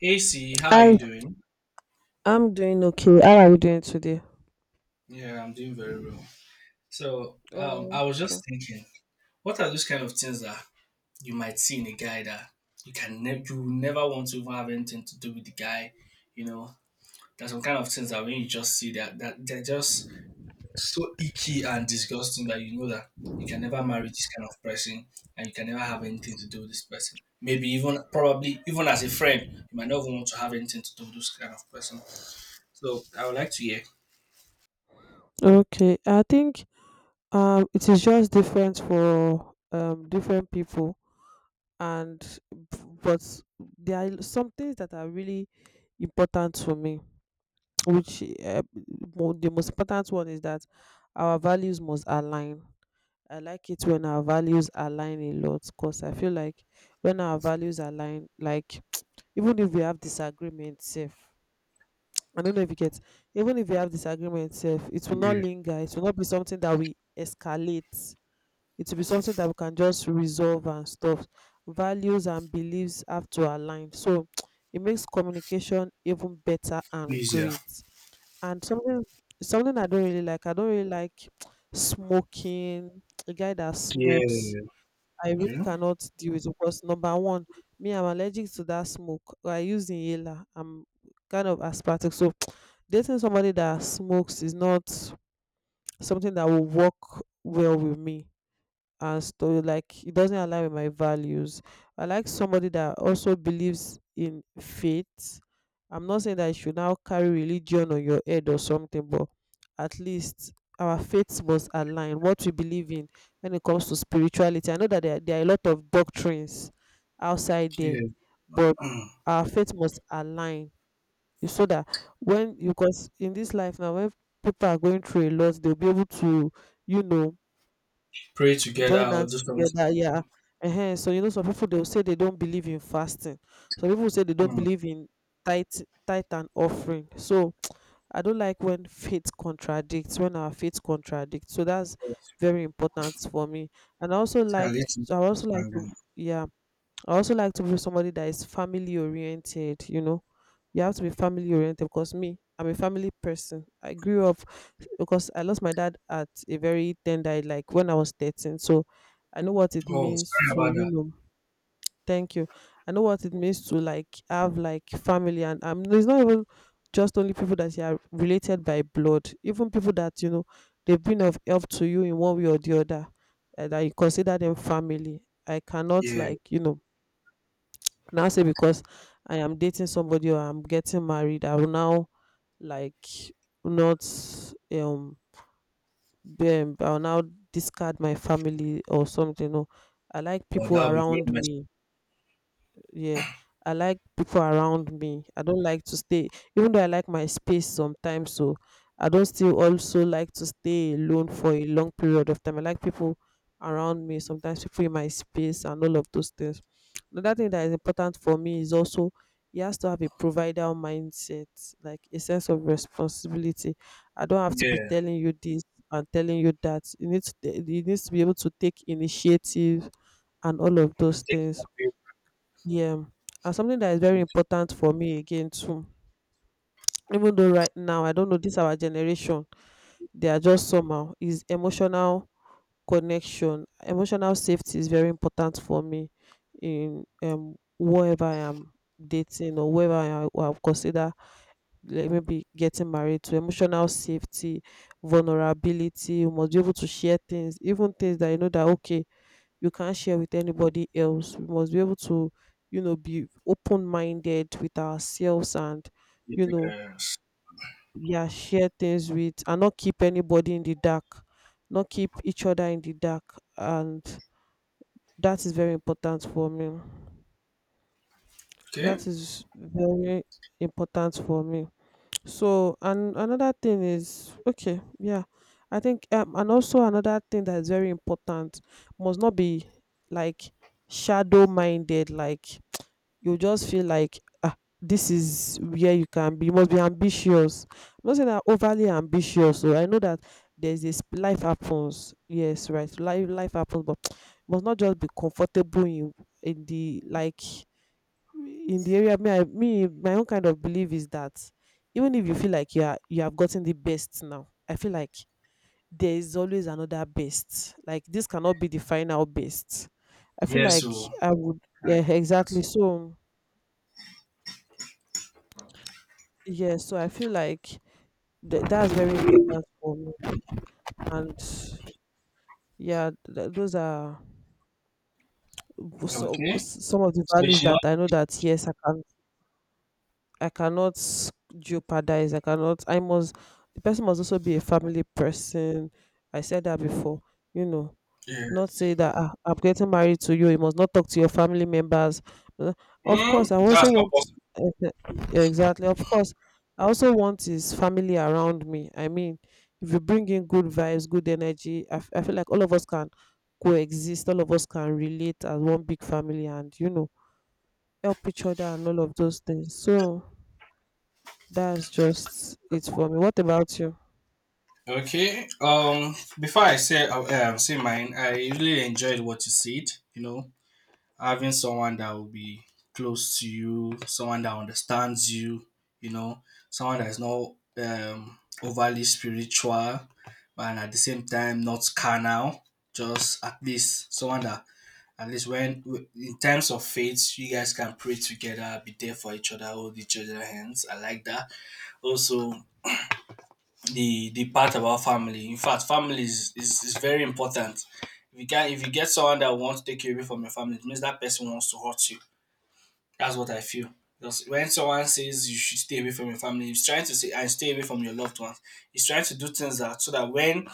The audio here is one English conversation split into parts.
Hey C, how are you I doing? I'm doing okay. How are you doing today? Yeah, I'm doing very well. So Oh, I was okay. just thinking, what are those kind of things that you might see in a guy that you never want to even have anything to do with the guy? You know, there's some kind of things that when you just see that they're just so icky and disgusting that you know that you can never marry this kind of person and you can never have anything to do with this person. Maybe even probably even as a friend, you might not even want to have anything to do with this kind of person. So I would like to hear. Okay, I think it is just different for different people and but there are some things that are really important to me, which the most important one is that our values must align. I like it when our values align a lot because I feel like when our values align, like even if we have disagreements, safe. I don't know if you get, even if you have disagreement itself, it will not Yeah, linger. It will not be something that we escalate. It will be something that we can just resolve and stuff. Values and beliefs have to align. So it makes communication even better and please, yeah. great. And something I don't really like. I don't really like smoking. A guy that Yeah. smokes. I Okay. really cannot deal with it because number one, me I'm allergic to that smoke. I use inhaler. I'm kind of asthmatic, so dating somebody that smokes is not something that will work well with me and stuff like it doesn't align with my values. I like somebody that also believes in faith. I'm not saying that you should now carry religion on your head or something, but at least our faiths must align, what we believe in. When it comes to spirituality, I know that there are a lot of doctrines outside there, Yeah. but Mm. our faith must align. You so that when you, because in this life now, when people are going through a lot, they'll be able to, you know, Pray together join or do hands something. together, yeah. So you know, some people they'll say they don't believe in fasting, some people say they don't Mm. believe in tight, tight and offering. So I don't like when faith contradicts, when our faith contradicts, so that's Yes. very important for me, and I also It can like, lead to I also like to, understanding. yeah, I also like to be somebody that is family oriented, you know. You have to be family oriented because me, I'm a family person. I grew up because I lost my dad at a very tender, like when I was 13. So I know what it Oh, means sorry to, about you that. know, thank you. I know what it means to like have like family, and it's not even just only people that you are related by blood, even people that, you know, they've been of help to you in one way or the other, and I consider them family. I cannot Yeah. like, you know, now say because I am dating somebody or I'm getting married, I will now like not um be, I will now discard my family or something. No, I like Oh, people that would be very around much. me, yeah. I like people around me. I don't like to stay, even though I like my space sometimes. So I don't still also like to stay alone for a long period of time. I like people around me, sometimes people in my space and all of those things. Another thing that is important for me is also he has to have a provider mindset, like a sense of responsibility. I don't have to be Yeah. telling you this and telling you that. You need to, you need to be able to take initiative and all of I those think things. that Yeah, and something that is very would important for me again too, even though right now I don't know, this our generation, they are just somehow, is emotional connection. Emotional safety is very important for me in whoever I am dating, or who I consider like maybe getting married to. Emotional safety, vulnerability, you must be able to share things, even things that you know that okay you can't share with anybody else. We must be able to, you know, be open minded with ourselves and, be, you know, yeah. yeah, share things with, and not keep anybody in the dark, not keep each other in the dark, and that is very important for me. Okay. That is very important for me. So and another thing is okay, yeah, I think and also another thing that is very important, must not be like shadow minded, like you just feel like ah, this is where you can be, you must be ambitious. I'm not saying that overly ambitious, so I know that there's this, life happens, yes, right, life happens, but you must not just be comfortable in the like, in the area. Me, I, me my own kind of belief is that even if you feel like you are, you have gotten the best now, I feel like there is always another best, like this cannot be the final best. I feel Yeah, so like I would, I yeah, think exactly, that's- so yes, so I feel like that's very important for me, and yeah, those are so, okay. some of the So values she, that I know that yes, I can, I cannot jeopardize. I cannot. I must. The person must also be a family person. I said that before. You know, yeah. not say that ah, I'm getting married to you, you must not talk to your family members. Uh, Of Mm, course, I that's also not want possible. eh, exactly. Of course, I also want his family around me. I mean, if you bring in good vibes, good energy, I, I feel like all of us can coexist. All of us can relate as one big family, and you know, help each other and all of those things. So. That's just it for me. What about you? Okay. Before I say, say mine. I really enjoyed what you said. You know, having someone that will be close to you, someone that understands you, you know, someone that is not overly spiritual and at the same time not carnal, just at least someone that at least when in terms of faith you guys can pray together, be there for each other, hold each other hands. I like that. Also, the part about family. In fact, family is very important. If you get someone that wants to take you away from your family, it means that person wants to hurt you. That's what I feel. Because when someone says you should stay away from your family, he's trying to say and stay away from your loved ones. He's trying to do things that, so that when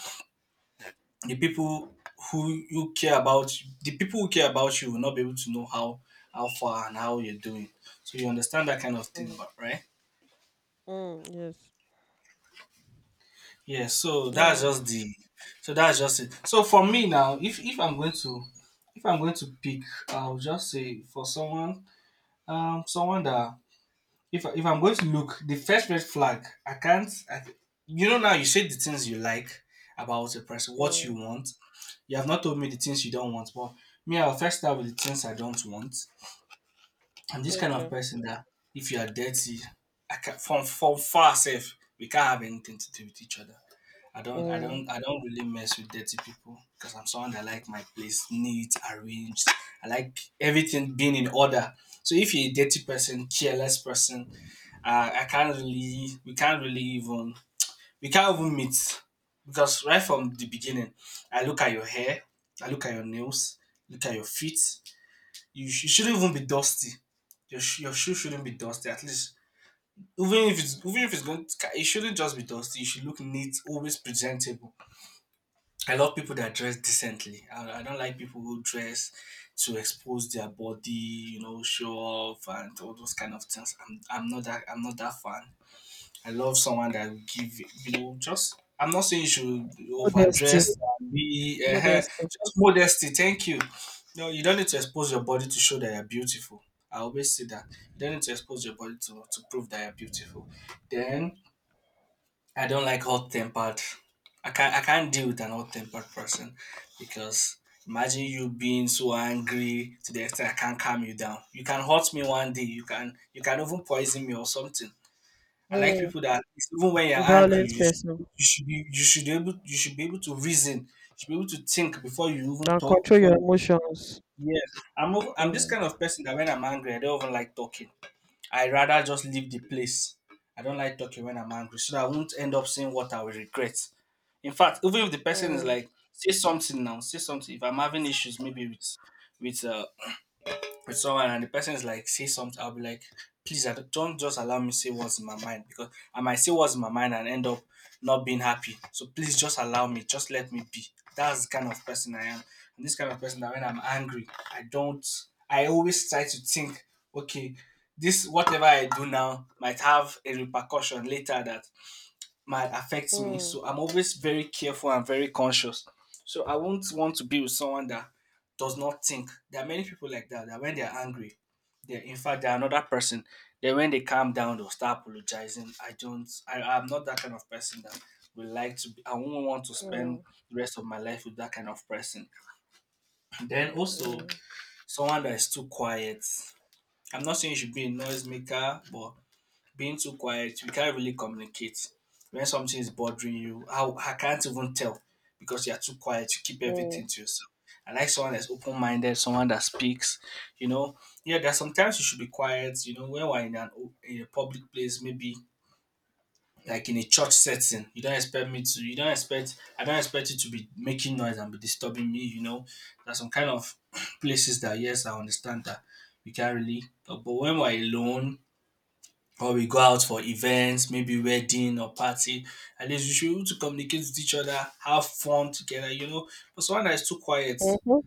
the people who you care about, the people who care about you will not be able to know how far and how you're doing. So you understand that kind of thing, Mm, but right? mm, yes. Yeah. So that's Yeah. just the. So that's just it. So for me now, if I'm going to, if I'm going to pick, I'll just say for someone, someone that if I'm going to look, the first red flag, I can't. I, you know, now you say the things you like about a person, what you Mm, want. You have not told me the things you don't want, but me, I'll first start with the things I don't want. I'm this kind of okay. person that if you are dirty, I can, from far safe, we can't have anything to do with each other. I don't I don't Mm. I don't really mess with dirty people because I'm someone that like my place neat, arranged. I like everything being in order. So if you're a dirty person, careless person, I can't really, we can't even meet because right from the beginning I look at your hair, I look at your nails, look at your feet. You shouldn't even be dusty. Your shoe shouldn't be dusty. At least, even if it's going to, it shouldn't just be dusty. You should look neat, always presentable. I love people that dress decently. I don't like people who dress to expose their body, show off and all those kind of things. I'm not that fan. I love someone that will give, just, I'm not saying you should Modesty. overdress and be, Modesty. just modesty. Thank you. No, you don't need to expose your body to show that you're beautiful. I always say that. You don't need to expose your body to prove that you're beautiful. Then, I don't like hot tempered. I can't deal with an hot tempered person because imagine you being so angry to the extent I can't calm you down. You can hurt me one day. You can even poison me or something. I like Mm. people that even when you're A angry, violent you should, person you should be able to reason. You should be able to think before you even and talk. control Before your you, emotions. yes, I'm this Mm. kind of person that when I'm angry, I don't even like talking. I rather just leave the place. I don't like talking when I'm angry, so that I won't end up saying what I will regret. In fact, even if the person is Mm. like, say something now, say something. If I'm having issues, maybe with uh, with someone, and the person is like say something, I'll be like, please, I don't just allow me say what's in my mind, because I might say what's in my mind and end up not being happy. So please just allow me, just let me be. That's the kind of person I am. And this kind of person that when I'm angry, I don't, I always try to think, okay, this whatever I do now might have a repercussion later that might affect me. Mm. So I'm always very careful and very conscious. So I won't want to be with someone that does not think. There are many people like that when they're angry, they're, in fact, they're another person. Then when they calm down, they'll start apologizing. I don't I, I'm not that kind of person that would like to be, I won't want to spend Mm. the rest of my life with that kind of person. Then also Mm. someone that is too quiet. I'm not saying you should be a noisemaker, but being too quiet, we can't really communicate. When something is bothering you, I can't even tell because you're too quiet. You keep Mm. everything to yourself. I like someone that's open minded, someone that speaks. You know, yeah, there's sometimes you should be quiet. You know, when we're in a public place, maybe like in a church setting, you don't expect me to. You don't expect. I don't expect you to be making noise and be disturbing me. You know, there's some kind of places that, yes, I understand that we can't really. But when we're alone, or we go out for events, maybe wedding or party, at least we should be able to communicate with each other, have fun together. But someone that is too quiet, Mhm.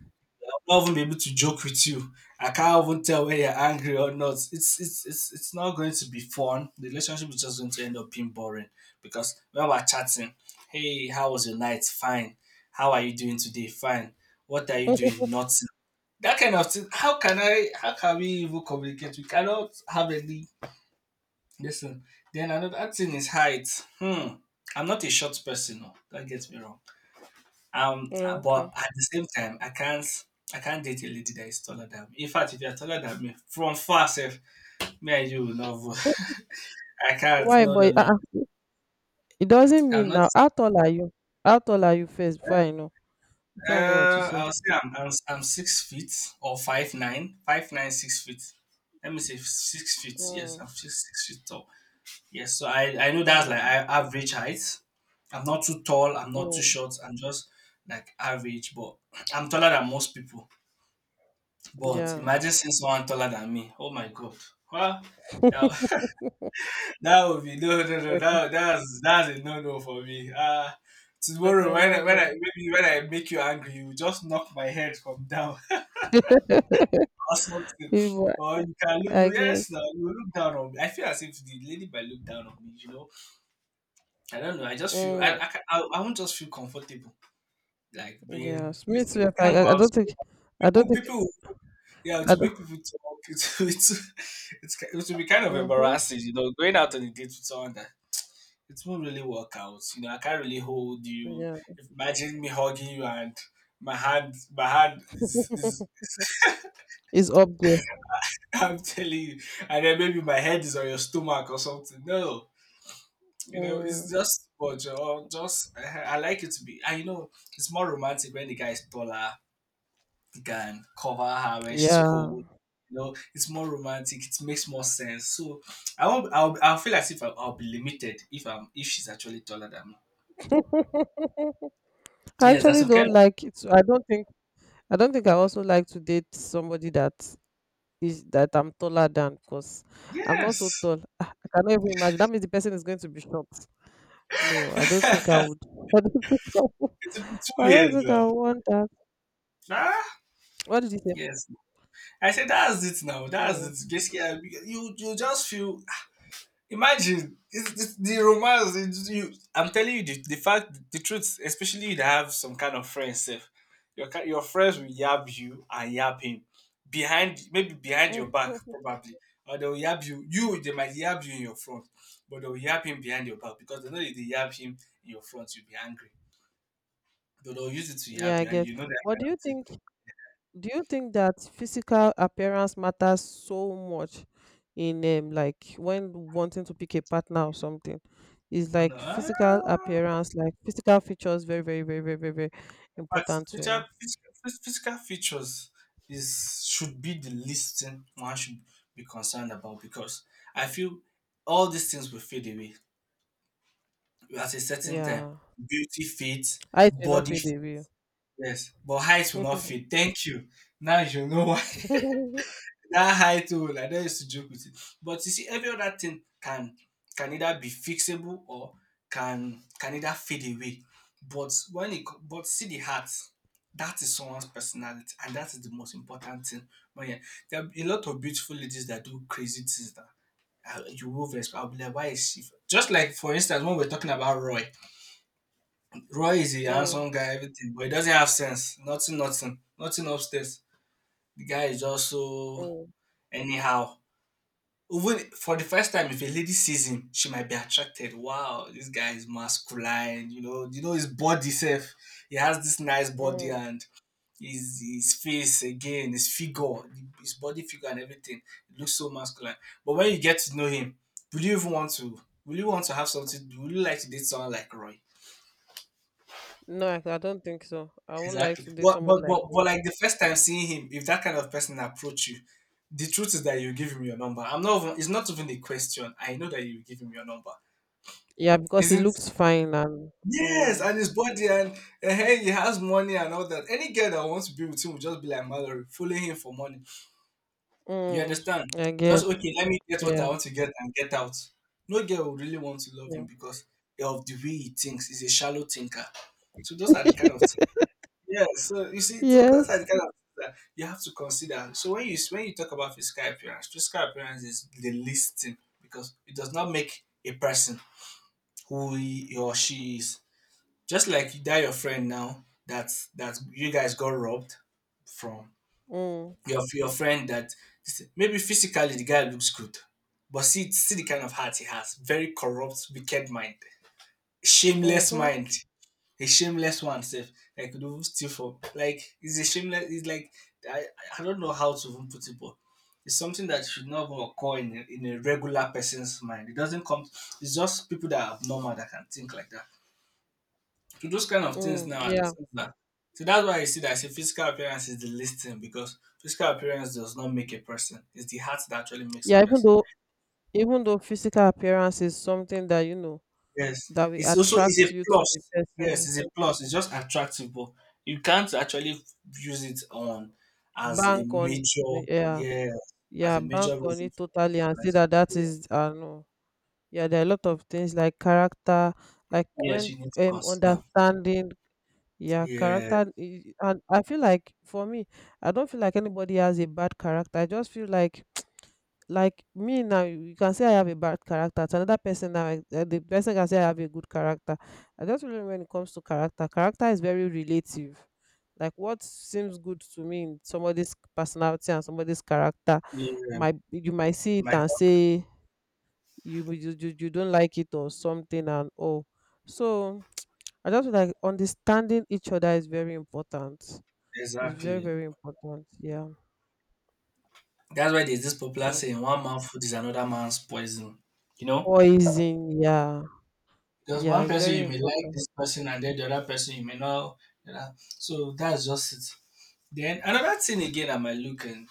I'll not even be able to joke with you. I can't even tell whether you're angry or not. It's not going to be fun. The relationship is just going to end up being boring because when we're chatting, hey, how was your night? Fine. How are you doing today? Fine. What are you doing? Nothing. That kind of thing. How can I? How can we even communicate? We cannot have any. Listen, then another thing is height. Hmm. I'm not a short person, no. Don't get me wrong. Okay. But at the same time, I can't date a lady that is taller than me. In fact, if you're taller than me, from far self, me and you will not vote. I can't. Why? No, no, But no. It doesn't I'm mean not. now. How tall are you? How tall are you first? Before I know. Before I know what to say. I'll say I'm 6 feet or five nine six feet. Let me say 6 feet. Yes, Mm. I'm six feet tall. Yes, so I know that's like Mm. Average height. I'm not too tall, I'm not too Mm. short, I'm just like average, but I'm taller than most people. But Yeah. imagine seeing someone taller than me. Oh my god. Well, I that, that would be no no no no, can, that's a no no for me. I can Tomorrow when I imagine. maybe when I make you angry, you just knock my head from down or something. People, Or you can look, I you guess. yes, now you look down on me. I feel as if the lady might look down on me, you know. I don't know. I just feel I Mm. I, ca- I, I won't just feel comfortable like being Yes. Me this too. thing. If We I, can't go I out don't think. together. I don't People, think. People, yeah, I to don't. make people talk. It will be kind of Mm-hmm. embarrassing, going out on a date with someone that it won't really work out. You know, I can't really hold you. Yeah. Imagine me hugging you and my hand is it's up there. I'm telling you, and then maybe my head is on your stomach or something. No, you know, it's Mm. just, but just, I like it to be. I know it's more romantic when the guy is taller. He can cover her when she's cold. Yeah. You know, it's more romantic. It makes more sense. So I won't. I'll feel as if I'll be limited if she's actually taller than me. I Yes, that's actually okay, kind don't of. like it. I don't think I don't think I also like to date somebody that is that I'm taller than, because I'm not so Yes. tall. Ah, I cannot even imagine. That means the person is going to be short. No, I don't think I It's would. I don't think I would. a bit I don't weird think though. I would want that. Ah, What did you say? yes. I said that's it now. That's So it. Basically, you just feel. Imagine it's the romance. I'm telling you the fact, the truth, especially you that have some kind of friends. Sef, your friends will yab you and yab him behind, maybe behind your back, Mhm. probably, or they'll yab you. They might yab you in your front, but they'll yab him behind your back because they know if they yab him in your front, you'll be angry. But they'll use it to yab Yeah, I behind guess. you. And you know But do you that think, do you think that physical appearance matters so much in like when wanting to pick a partner or something? Is kind of like thing. physical No. appearance, like physical features very But important to physical, you? physical, physical features is should be the least thing one should be concerned about, because I feel all these things will fade away at a certain time. Yeah. Beauty fades, I do not body feel fades, the view. yes, but height will not fade. Thank you. Now you know. That height, oh, I don used to joke with it. But you see every other thing can either be fixable or can either fade away. But but see, the heart, that is someone's personality, and that is the most important thing. When you- there are a lot of beautiful ladies that do crazy things that you will respect. I'll be like, why is she? Just like, for instance, when we're talking about Roy, Roy is a Mm, handsome guy, everything, but he doesn't have sense. Nothing, nothing, nothing upstairs. The guy is just so mm, anyhow, even for the first time, if a lady sees him, she might be attracted. Wow, this guy is masculine. You know his body self. He has this nice body mm. and his face again, his figure, his body figure and everything. It looks so masculine. But when you get to know him, will you even want to? Will you want to have something? Will you like to date someone like Roy? No, I don't think so. I won't like Exactly. to date But somebody like you. like the first time seeing him, if that kind of person approach you, the truth is that you give him your number. I'm not. Even, it's not even a question. I know that you give him your number. Yeah, because he Isn't. looks fine and Yes, mm, and his body and hey, he has money and all that. Any girl that wants to be with him will just be like Mallory, fooling him for money. You mm, understand? I guess. Just okay, let me get what I Yeah, want to get and get out. No girl will really want to love him yeah. because of the way he thinks. He's a shallow thinker. So those are the kind of things. Yeah, so you see, so Yeah. those are the kind of things that you have to consider. So when you talk about physical appearance is the least thing because it does not make a person who he or she is. Just like that your friend now that you guys got robbed from Mm, your friend that maybe physically the guy looks good, but see the kind of heart he has, very corrupt, wicked mind, shameless mm-hmm, mind, a shameless one self. Like they will steal for, like it's a shameless. It's like I I don't know how to even put it, but it's something that should not even occur in a regular person's mind. It doesn't come. It's just people that are abnormal that can think like that to those kind of things mm, now. Yeah. So that's why I see that I say physical appearance is the least thing because physical appearance does not make a person. It's the heart that actually makes a Yeah, even person. though, even though physical appearance is something that you know Yes. that will It's also it's attract a you to the plus. Yes, person, it's a plus. It's just attractive, but you can't actually use it on as a bank on, major, yeah, yeah, as yeah, a bank major on reason it to, totally and like, say that that yeah. is no. Yeah, there are a lot of things like character, like Yes, when you need to consider. understanding, yeah, Yeah. character. And I feel like for me, I don't feel like anybody has a bad character. I just feel like me now, you can say I have a bad character. To another person now, the person can say I have a good character. I just feel when it comes to character, character is very relative. Like what seems good to me in somebody's personality and somebody's character, Yeah. might, you might see it My and thought- say you, you don't like it or something, and all so I just feel like understanding each other is very important. It's exactly. very important, yeah, That's why there's this popular true, saying, one man's food is another man's poison. You know? poison, yeah, Because yeah, one it's person very you may like important. this person and then the other person you may not. You know? So that's just it. Then another thing again I might look in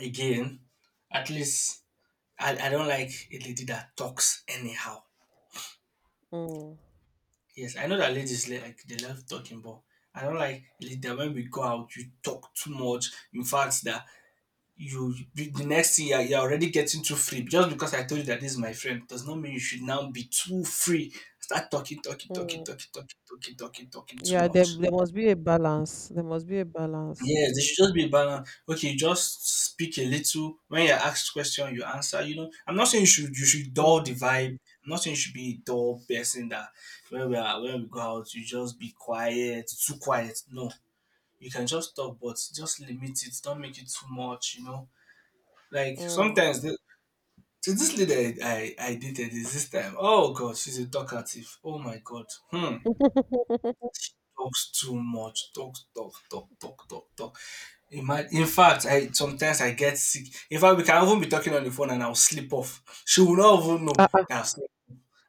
again, at least I don't like a lady that talks anyhow. Mm, Yes, I know that ladies like they love talking, but I don't like a lady that when we go out you talk too much. In fact, that you the next year you're already getting too free just because I told you that this is my friend does not mean you should now be too free, start talking talking talking mm. talking talking talking talking talking too Yeah, much. There must be a balance, there must be a balance. Yes, there should just be balance. Okay, just speak a little when you're asked question you answer, you know. I'm not saying you should dull the Mm, vibe. I'm not saying you should be a dull person that when we go out you just be quiet, too quiet. No, you can just talk, but just limit it, don't make it too much, you know, like mm. sometimes. So this lady I dated is this time. Oh god, she's a talkative. Oh my god. Hmm. Talks too much. Talk, talk, talk, talk, talk, talk. In fact, I sometimes I get sick. In fact, we can even be talking on the phone and I'll sleep off. She will not even know Ah, that I've slept.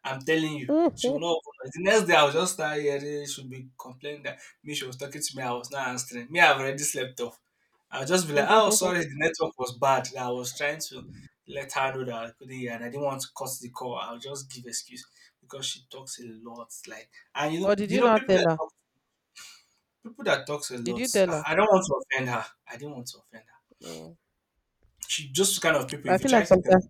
I'm telling you, she will ah. not open. The next day, I will just start hearing she'll be complaining that me, she was talking to me, I was not answering. Me, I've already slept off. I'll just be like, oh, sorry, the network was bad, that I was trying to let her know that I couldn't hear and I didn't want to cut the call. I'll just give excuse because she talks a lot. Like, and or did you you know not people tell that her, talk, people that talks a did lot, you tell her, I don't want to offend her. I didn't want to offend her. mm. She just kind of people, But I if you feel try like to tell them,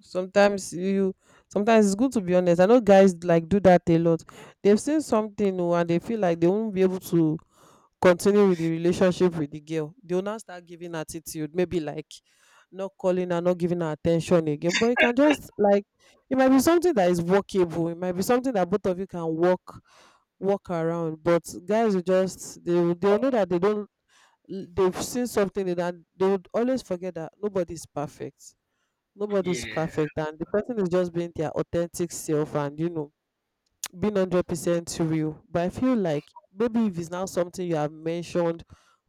sometimes you sometimes it's good to be honest. I know guys like do that a lot. They've seen something, and they feel like they won't be able to continue with the relationship with the girl. They'll now start giving attitude, maybe like not calling her, not giving her attention again. But you can just like, it might be something that is workable, it might be something that both of you can work around. But guys will just, they'll know that they don't, they've seen something in that. They would always forget that nobody's perfect nobody's yeah. perfect and the person is just being their authentic self, and you know, being 100% real. But I feel like maybe if it's now something you have mentioned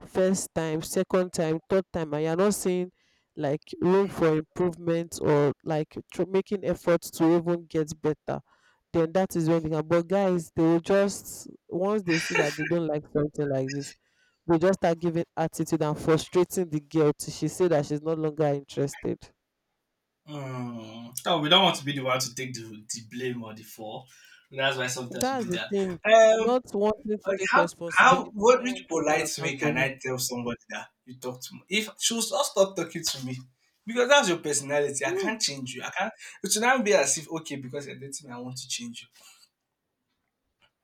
first time, second time, third time, and you're not seeing like room for improvement or like making efforts to even get better, then that is when they can. But guys, they will just, once they see that they don't like something like this, they just start giving attitude and frustrating the girl till she say that she's no longer interested. Mm. Oh, we don't want to be the one to take the blame or the fall. That's why sometimes we That's do the that. thing, Um, not wanting to like take how responsibility, what not which wanting to be polite way can accountable. I tell somebody that you talk to me? If she will just stop talking to me because that's your personality. I No, can't change you. I can't. It should not be as if okay because you're dating me, I want to change you.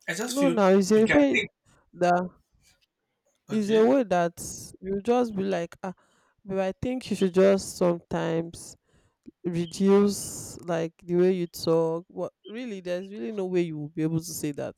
I just no, feel now it's you a can way take. that it's a Okay. way that you just be like, ah, but I think you should just sometimes reduce like the way you talk. What really? There's really no way you will be able to say that,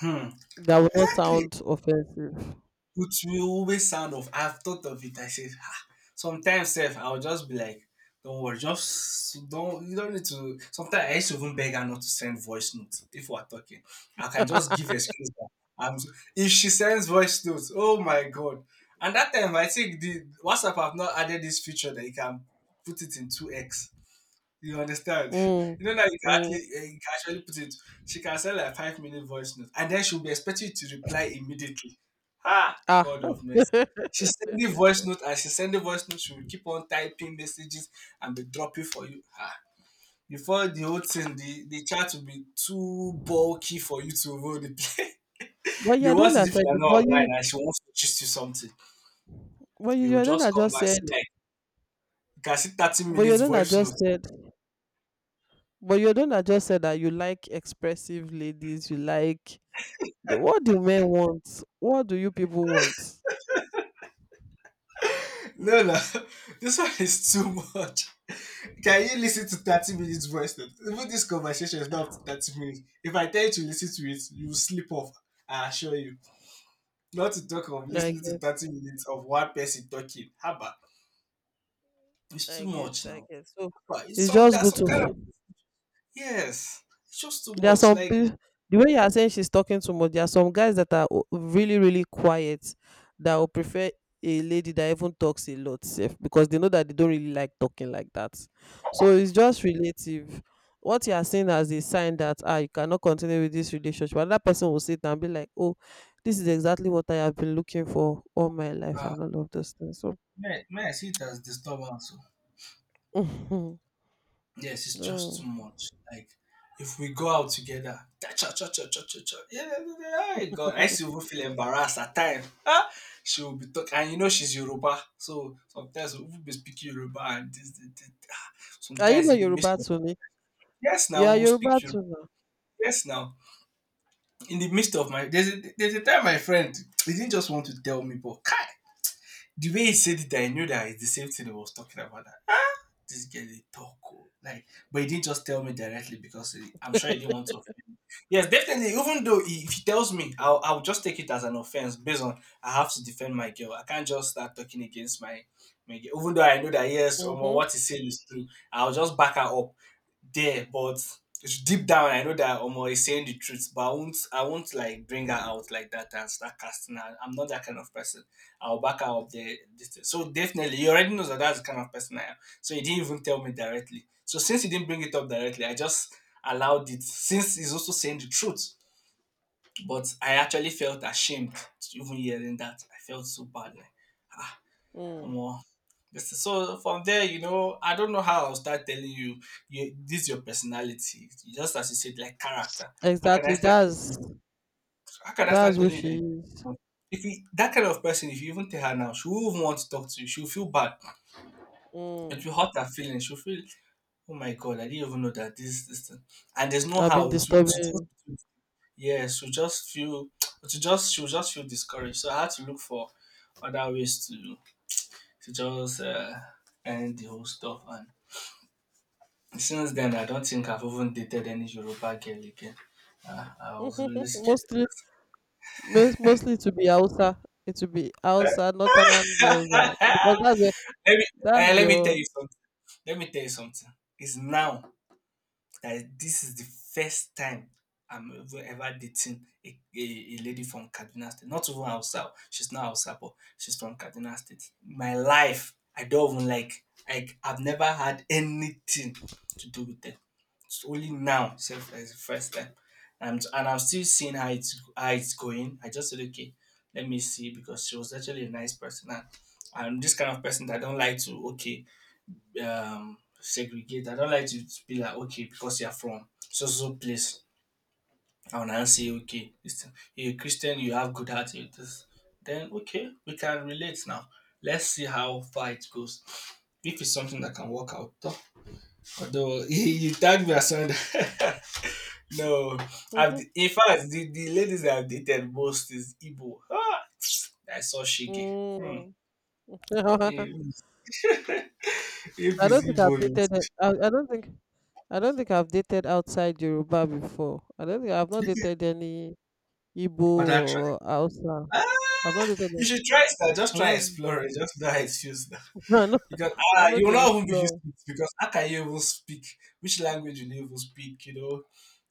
Hmm. that will not Exactly. sound offensive. It will always sound off. I've thought of it. I said, ah, sometimes self, I'll just be like, don't worry, just don't. You don't need to. Sometimes I used to even beg her not to send voice notes if we're talking. I can just give excuse. If she sends voice notes, oh my god! And that time I think the WhatsApp have not added this feature that you can put it in two X. You understand? Mm, You know that you can mm. actually, you can actually put it. She can send like 5 minute voice note, and then she'll be expecting you to reply immediately. Ah, Ah. God of mercy. She send the voice but note, and she send the voice note. She will keep on typing messages and be dropping for you. Ah, before the whole thing, the chat will be too bulky for you to hold it. The you're the one worst is that if you said, are not online and she wants to gist you something. but you, You will You're the one just that come just back said, see like you can see thirty but you're minutes the one that voice note. just said but you're the one that just said that you like expressive ladies. You like the, what do men want? What do you people want? No, no. This one is too much. Can you listen to 30 minutes voice note? Even this conversation is not up to 30 minutes. If I tell you to listen to it, you will sleep off. I assure you. Not to talk of I listening to get, 30 minutes of one person talking. Haba. It's too much I now. get. So But it's it's some just that's good some kind of, to. yes. It's just too There are much. some Like people, the way you are saying she's talking too much, there are some guys that are really, really quiet that will prefer a lady that even talks a lot sef, because they know that they don't really like talking like that. So it's just relative. What you are saying as a sign that ah, you cannot continue with this relationship, another person will sit and be like, oh, this is exactly what I have been looking for all my life uh, and all of those things. So, may I see it as disturbance. Yes, it's just too oh. much. Like if we go out together, cha cha cha cha cha cha cha. Yeah, yeah, yeah, yeah, yeah, God, I used to even feel embarrassed at times. Ah, she will be talking, and you know she's Yoruba, so sometimes we will be speaking Yoruba, and ah, Are you sometimes in not the midst Yoruba of to me? yes, You now we are will Yoruba speak Yoruba. to me. Yes, now in the midst of my there's a time my friend he didn't just want to tell me, but kai, the way he said it, I knew that it's the same thing he was talking about. This girl they talk oh. Like, but he didn't just tell me directly because I'm sure he didn't want to offend me. Yes, definitely. Even though if he tells me, I'll just take it as an offense. Based on, I have to defend my girl, I can't just start talking against my girl even though I know that, yes, or Mm-hmm. what he's saying is true. I'll just back her up there. But it's deep down, I know that omo is saying the truth, but I won't like bring her out like that and start casting her. I'm not that kind of person. I'll back her up there, this thing. So definitely he already knows that that's the kind of person I am. So he didn't even tell me directly. So since he didn't bring it up directly, I just allowed it since he's also saying the truth. But I actually felt ashamed even hearing that. I felt so bad. Like, Mm. more. So from there, I don't know how I'll start telling you, you this is your personality. Just as you said, like character. How can I Exactly. start telling That's. you? How can I start That's who telling you she that? is. If you, that kind of person, if you even tell her now, she won't even want to talk to you. She'll feel bad. It Mm. will hurt her feelings. She'll feel, oh my god, I didn't even know that this thing. And there's no I've been how to just, disturbing. yeah, she'll just feel to just she'll just feel discouraged. So I had to look for other ways to just end the whole stuff. And since then, I don't think I've even dated any Yoruba girl again. I was really scared. mostly, mostly to be Hausa. It will be Hausa, Northern girls, ah, because that's where, let me that's let me tell you your. something. Let me tell you something. It's now that this is the first time I'm ever, ever dating a lady from Kaduna State. Not even Hausa. She's not Hausa, but she's from Kaduna State. My life, I don't even like I've never had anything to do with them. It's only now, self, as the first time. And I'm still seeing how it's going. I just said, okay, let me see because she was actually a nice person. And I'm this kind of person that I don't like to, okay, um, segregate. I don't like to be like, okay, because you're from so so so place, I will now say, okay, listen, you're a Christian, you have good heart, you this. Then okay, we can relate now. Let's see how far it goes. If it's something that can work out, though. Although, you tag me as someone that- no, I've, in fact, the ladies that I've dated most is Igbo. Ah, I saw Shige. Hmm. mm. Yeah. If I it's don't think I've Igbo, dated. I don't think. I don't think I've dated outside Yoruba before. I don't think I've not you dated any Igbo other. or Hausa. Ah, I've not dated you them. should try it now. Just I try know. Explorer. Just know how it's used now. I know. Because, I ah, know you will they not even be used explore. to it. Because how can you even speak? Which language will you even speak? You know,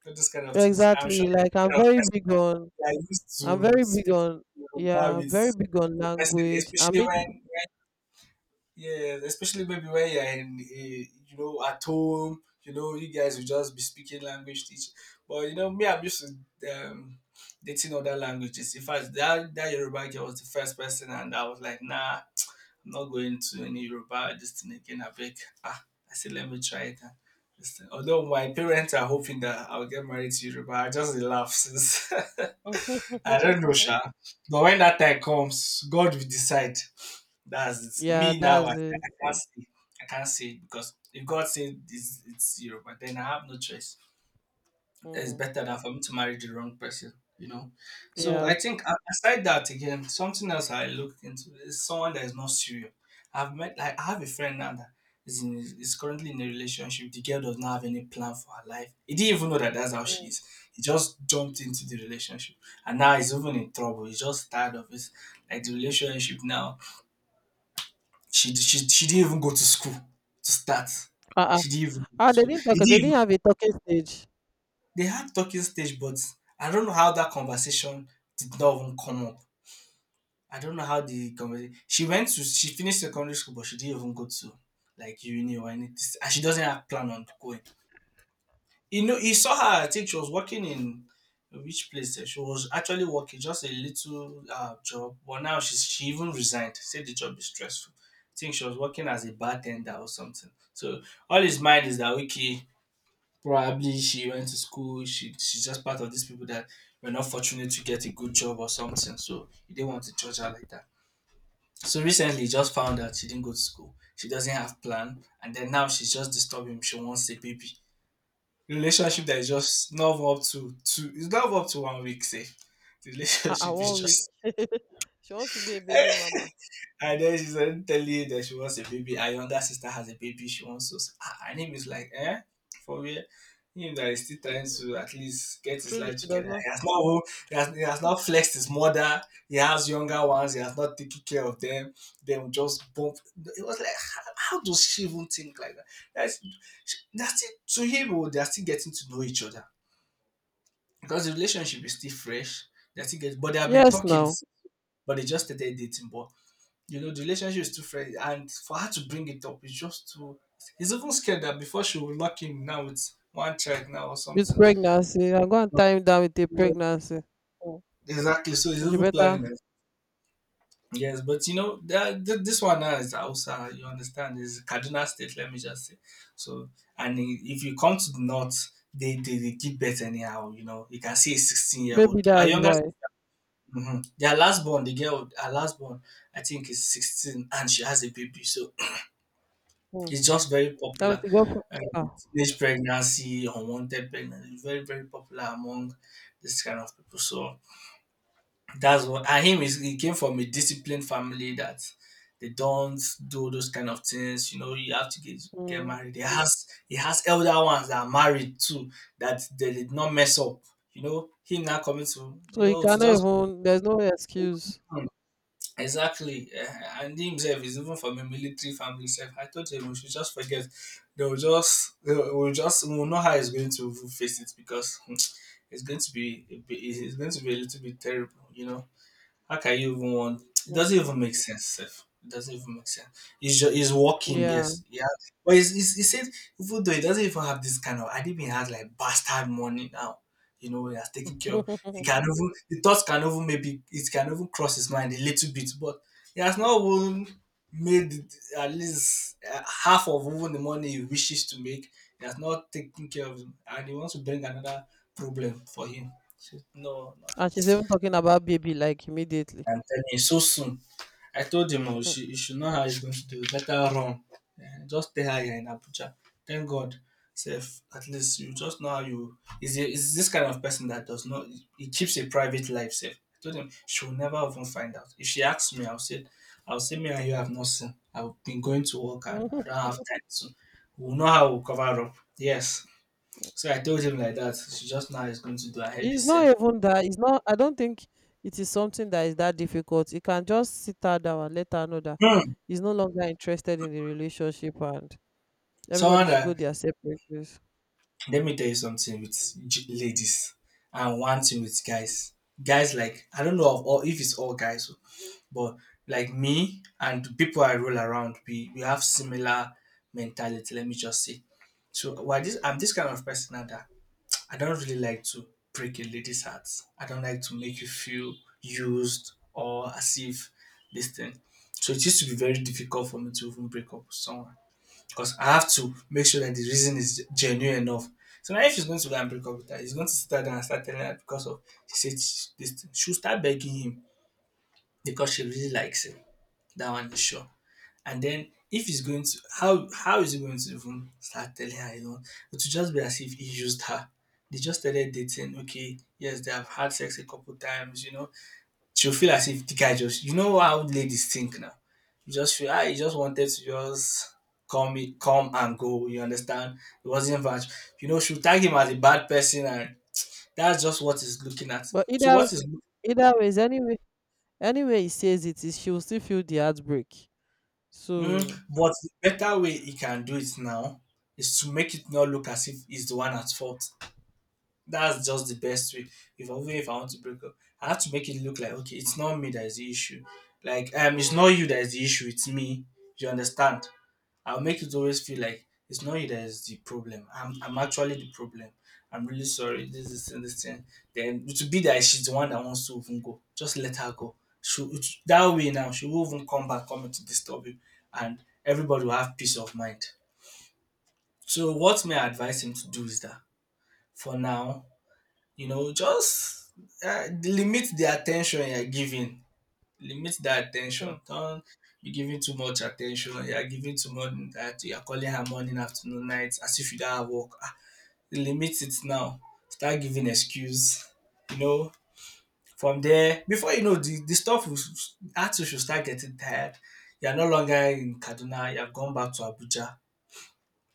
all this kind of things. I'm sure Exactly. that Like the I'm kind of very person big on. that are used I'm to very big speak on Yoruba yeah, I'm with very big on the person, language. I especially when, mean, yeah, especially maybe when you're in, you know, at home, you know, you guys will just be speaking language teach. But you know, me, I'm used to dating other languages. In fact, that Yoruba girl was the first person, and I was like, nah, I'm not going to any Yoruba this thing again. I beg, ah, I said, let me try it. And this thing. Although my parents are hoping that I'll get married to Yoruba, I just laugh since I don't know, Sha. But when that time comes, God will decide. That's it. yeah, Me now, I, that's it. I can't see. I can't see it because if God said it's zero, but then I have no choice. It's Mm. better than for me to marry the wrong person, you know. So Yeah. I think aside that again, something else I look into is someone that is not serious. I've met, like I have a friend now that is currently in a relationship. The girl does not have any plan for her life. He didn't even know that that's how she Mm. is. He just jumped into the relationship, and now he's even in trouble. He's just tired of it. Like the relationship now, she didn't even go to school to start. Uh-uh. She didn't even go Ah, to school. It didn't they even, didn't have a talking stage. they had talking stage, but I don't know how that conversation did not even come up. I don't know how the conversation. She went to, she finished secondary school, but she didn't even go to like uni or anything, and she doesn't have plan on going. You know, he saw her. I That's. think she was working in which place? She was actually working just a little job, but now she's, she even resigned. Said the job is stressful. I think she was working as a bartender or something. So all his mind is that, okay, probably she went to school. She, she's just part of these people that were not fortunate to get a good job or something. So he didn't want to judge her like that. So recently, he just found out she didn't go to school. She doesn't have plan, and then now she's just disturbing him. She wants a baby. Relationship Ah, that is just love up to two, it's love up to one week. Say, the Ah, relationship is 1 week. just, she wants to be a baby mama. and then she's already telling you that she wants a baby. Her younger sister has a baby, she wants us. Ah, and him is like, eh? For real? Him that is still trying to at least get his Truly, life she does together. not. He has not, he has not flexed his mother. He has younger ones, he has not taken care of them. Then just bump, it was like, how does she even think like that? That's, that's it to him, oh, they are still getting to know each other because the relationship is still fresh. They still get, but they have been Yes, talking, now but they just started dating. But you know, the relationship is too fresh, and for her to bring it up is just too. He's even scared that before she will lock him now with one child now or with something. pregnancy, I'm going to tie him down with a pregnancy. Mm. Exactly. So he's She even planning better. that. Yes, but you know that this one now is Hausa. You understand? Is Kaduna State. Let me just say. So, and if you come to the north, they give birth anyhow. You know, you can see a 16-year-old old. Maybe Our that's younger, why. mhm. Their last born, the girl, her last born, I think is 16 and she has a baby. So Mm. it's just very That means popular. she got. Pre-. Um, Ah. teenage pregnancy, unwanted pregnancy, is very, very popular among this kind of people. So that's what, and him is, he came from a disciplined family that they don't do those kind of things. You know, you have to get Mm. married. He has elder ones that are married too, that they did not mess up. You know, him now coming to, So you he know, to cannot just, even. There's no excuse. exactly, and himself is even from a military family, self. I told him we should just forget. They will we will know how he's going to face it because it's going to be a little bit terrible, you know. How can you even want? It doesn't Mm. even make sense, sef. It doesn't even make sense. He's just, he's walking, Yeah. yes, yeah. But he said, even though he doesn't even have this kind of, I didn't even have like bastard money now. You know, he has taken care of. He can even, the thoughts can even maybe, it can even cross his mind a little bit, but he has not even made it- at least half of even the money he wishes to make. He has not taken care of him, and he wants to bring another problem for him. So, no, no. and she's even talking about baby like immediately. I'm telling you, so soon. I told him, oh, Mm. she know how he's going to do it. Let her run. Eh, just stay her here in Abuja. Thank God. Sef, at least you just know how you is this kind of person that does not, he keeps a private life safe. I told him she will never even find out. If she asks me, I'll say, I'll say me and you have not seen. I've been going to work and Mhm. I don't have time to, we'll know how we'll cover up. Yes. So I told him like that. She just now is going to do a happy It's not self. even that. It's not. I don't think it is something that is that difficult. You can just sit her down and let her know that Hmm. he's no longer interested in the relationship, and everybody Someone should go that, their separate ways. let me tell you something with ladies and one thing with guys. Guys, like I don't know of all if it's all guys, but like me and people I roll around, we have similar mentality. Let me just say. So why this I'm this kind of person now that I don't really like to break a lady's heart. I don't like to make you feel used or as if this thing. So it used to be very difficult for me to even break up with someone because I have to make sure that the reason is genuine enough. So now, if he's going to go and break up with her, he's going to sit down and start telling her because of she said this. She'll start begging him because she really likes him. That one is sure. And then if he's going to, how is he going to even start telling her? You know, it will just be as if he used her. They just started dating. Okay, yes, they have had sex a couple times. You know, she'll feel as if the guy just you know how ladies think now. You just feel ah he just wanted to just come me come and go, you understand? It wasn't much. You know, she'll tag him as a bad person and that's just what he's looking at. But So either, what is either ways, anyway he says it is, she will still feel the heartbreak. mm, So but the better way he can do it now is to make it not look as if he's the one at fault. That's just the best way. If even if I want to break up, I have to make it look like okay, it's not me that is the issue. Like it's not you that is the issue. It's me. You understand? I'll make it always feel like it's not you that is the problem. I'm actually the problem. I'm really sorry. This is and this thing. Then it would be that she's the one that wants to even go. Just let her go. She it, that way now she won't even come back coming to disturb you, and everybody will have peace of mind. So what may I advise him to do is that for now, you know, just limit the attention you're giving limit that mm, attention. Don't be giving too much attention. You are giving too much that you are calling her morning, afternoon, night as if you don't have work. Ah, limit it now. Start giving excuse. You know, from there, before you know, the stuff will, actually should start getting tired. You are no longer in Kaduna. You have gone back to Abuja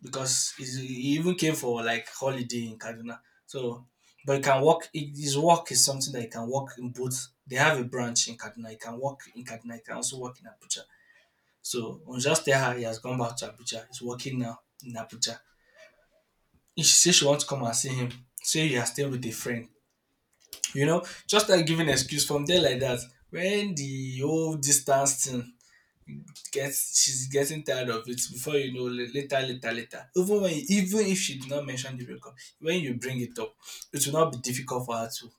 because he even came for like holiday in Kaduna. So, but he can work. His work is something that he can work in both. They have a branch in Kaduna. He can work in Kaduna. He can also work in Abuja. So on just tell her he has gone back to Abuja. He's working now in Abuja. If she says she wants to come and see him, say you are staying with a friend. You know, just like giving excuse from there like that. When the whole distance thing gets she's getting tired of it before you know later later later even when even if she did not mention the breakup when you bring it up it will not be difficult for her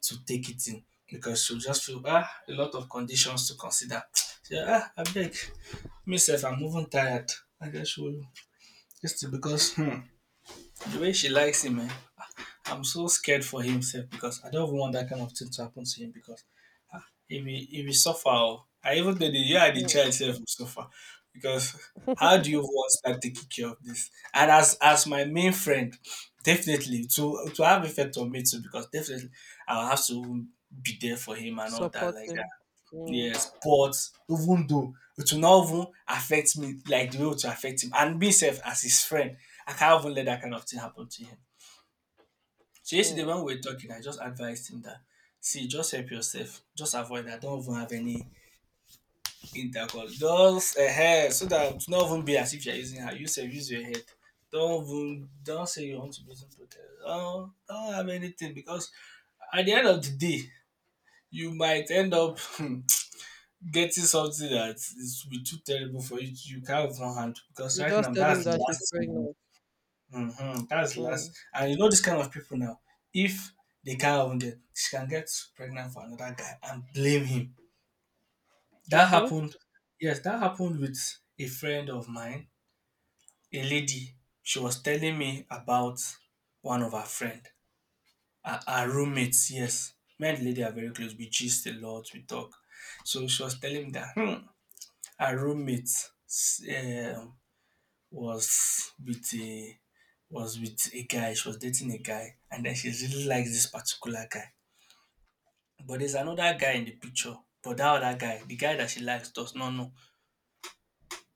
to take it in because she'll just feel ah a lot of conditions to consider she ah I beg myself I'm even tired I guess will just because the way she likes him eh, I'm so scared for himself because I don't even want that kind of thing to happen to him because he will suffer. Oh. And even though the you and the mm. child itself will suffer because how do you want start taking care of this? And as my main friend, definitely to have effect on me too because definitely I'll have to be there for him and all that support like that. him. Mm, Yes, but even though it will not even affect me like the way it will affect him and me self as his friend, I can't even let that kind of thing happen to him. So yesterday mm. when we were talking, I just advised him that see, just help yourself, just avoid that. Don't even have any intercourse. Just a hair so that it's not even be as if you're using her. You say use your head. Don't even, don't say you want to be using protest. Don't have anything because at the end of the day, you might end up getting something that is will be too terrible for you. You can't even handle because You right just now tell him that's the that she's last thing. pregnant. Mm-hmm, that's the last, Mm, and you know this kind of people now. If they can't even get, she can get pregnant for another guy and blame him that mm-hmm. happened. Yes, that happened with a friend of mine, a lady. She was telling me about one of her friend, our roommates. Yes, me and the lady are very close. We gist a lot. We talk. So she was telling me that our roommate um was with a was with a guy. She was dating a guy, and then she really likes this particular guy. But there's another guy in the picture. But that other guy, the guy that she likes, does not know.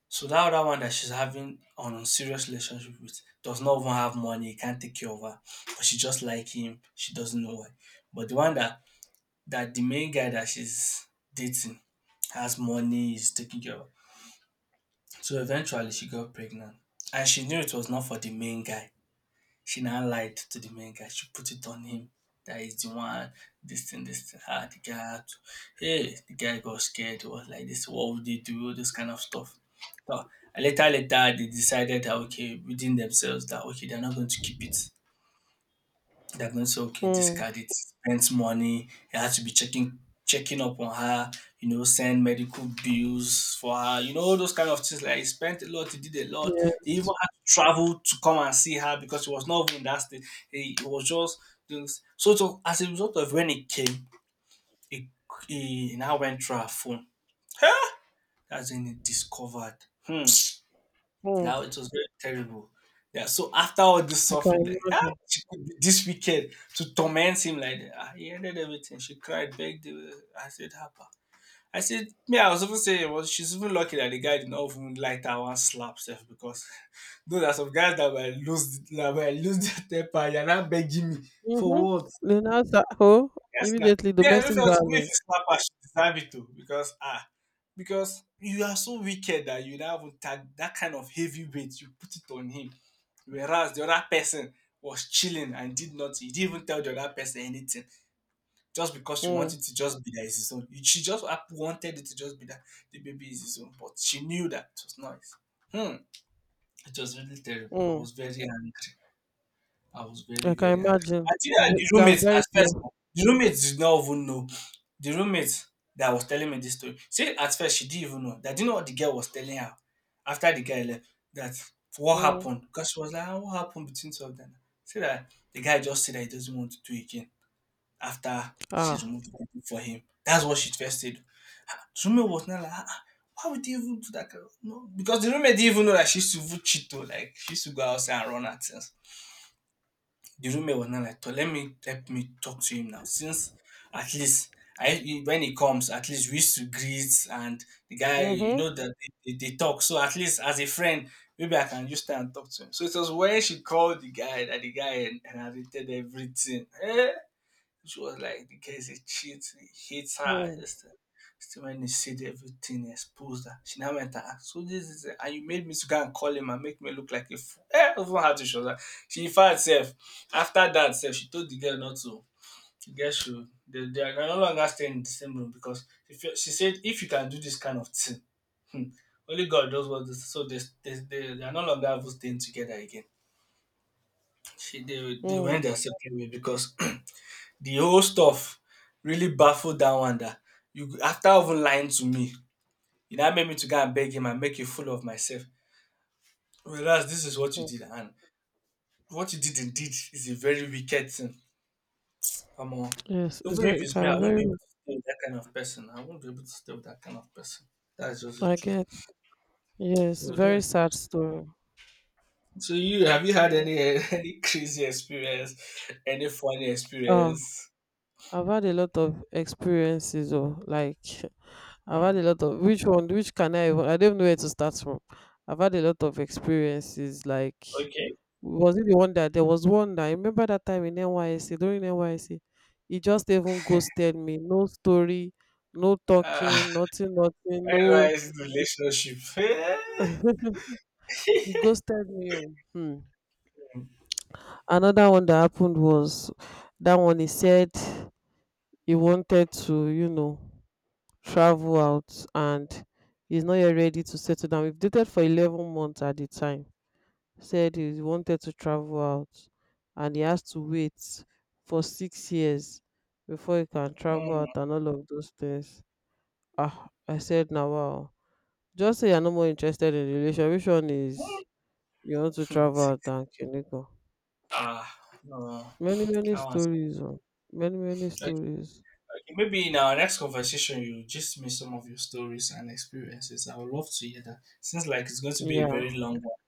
So that other one that she's having on a serious relationship with does not even have money, can't take care of her, but she just like him. She doesn't know why. But the one that that the main guy that she's dating has money, is taking care of her. So eventually she got pregnant. And she knew it was not for the main guy. She now lied to the main guy. She put it on him that he's the one, this thing, this thing. Ah, the guy, had to, hey, the guy got scared. He was like, this, what would they do? All this kind of stuff. So, later, later, they decided that, okay, within themselves, that, okay, they're not going to keep it. They're going to say, "Okay, Mm, discard it, spends money." He had to be checking checking up on her, you know, send medical bills for her, you know, all those kind of things. Like he spent a lot, he did a lot. He even yes. had to travel to come and see her because he was not even in that state. He was just so, so as a result of when he came, he, he now went through her phone. That's when he discovered. Hmm. Mm, Now it was very terrible. Yeah, so after all this I can suffering, like, ah, imagine. she could be this wicked to torment him like that. Ah, he ended everything. She cried, begged. I said, Hapa. I said, me, I was even saying, well, she's even lucky that the guy did not even light her one slap self because no, there's some guys that will lose their temper. You're not begging me for Mhm. what? They now start oh, Yes, now. immediately Yeah, I even domestic felt if you violence. slap her, she deserve it too because ah, because you are so wicked that you now even tag that kind of heavy weight, you put it on him. Whereas the other person was chilling and did not, he didn't even tell the other person anything just because she Mm, wanted to just be that it's his own. She just wanted it to just be that the baby is his own, but she knew that it was not his. Hmm. It was really terrible. I mm. was very angry. I was very, I very can angry. imagine. Actually, It's the it can be roommate very at first, painful. the roommate did not even know. The roommate that was telling me this story, see, at first she didn't even know. That didn't know what the girl was telling her after the guy left. That what Mm. happened? Because she was like, "Ah, what happened between two of them? See that the guy just said that he doesn't want to do it again after she Ah. removed the tattoo for him. That's what she first said. Ah, the roommate was not like, "Ah, ah, why would you even do that? Kind of-" No, because the roommate didn't even know that she used to even cheat though. Like she used to go outside and run at things. The roommate was not like, "Toh, let me help me talk to him now since at least I he when he comes, at least we used to greet and the guy, you Mhm. know that they talk. So at least as a friend, maybe I can just stay and talk to him." So it was when she called the guy that the guy inherited everything. Eh? She was like, the guy is a cheat, he hates her. Mm, Just, still when he said everything, he exposed her. She now went, ah, so this is, and you made me to go and call him and make me look like a fool. Eh, even had to show that. She, in fact, sef, after that, sef, she told the girl not to. The girl should, they are no longer staying in the same room because if feel- she said, if you can do this kind of thing, only God knows what this. So they are no longer even staying together again. She, they went mm, their separate way because the whole stuff really baffled that one that you after even lying to me, you now made me to go and beg him and make a fool of myself. Whereas this is what you mm. did, and what you did indeed is a very wicked thing. Come on. Yes, it's Even if very. It it's me, I can be won't be very. able to stay with that kind of person. I won't be able to stay with that kind of person. That's just the I truth. get. Yes, So very that sad story. so you have you had Mm. any any crazy experience, any funny Ah. experience? I've had a lot of experiences, or like, I've had Hmm. a lot of, which one, which can I even, I don't know where to start from. I've had a lot of experiences like, Okay. was it the one that, there was one that I remember that time in NYSC, during NYSC he just even ghosted me. No story, no Uh, talking, nothing, nothing, no, anyways, relationship. he ghosted me, oh. Hmm. Another one that happened was that one, he said he wanted to, you know, travel out, and he's not yet ready to settle down. We've dated for 11 months at the time. Said he wanted to travel out and he has to wait for 6 years before he can travel out Hmm. and all of those things. Ah, I said, now, wow. Just say you're no more interested in the relation. Which one is you want to Hmm. travel out and Kiniko? Ah, no. No. Many, many that was- stories, oh. Many, many Okay, stories. okay. Maybe in our next conversation, you just me some of your stories and experiences. I would love to hear that. Seems like it's going to be a Yeah. very long one.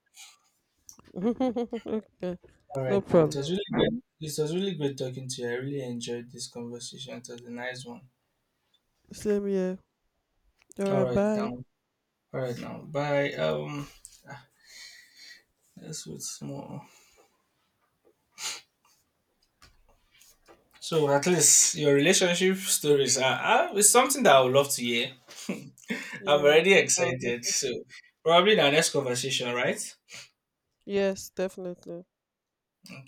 okay. All right, No now it was problem. really good. It was really great talking to you. I really enjoyed this conversation. It was a nice one. Same here. All All right. right now. Bye. All right now. Bye. Ah, That's what's more. So at least your relationship stories are it's something that I would love to hear. I'm Yeah. already Um, excited. So probably in our next conversation, right? yes, definitely.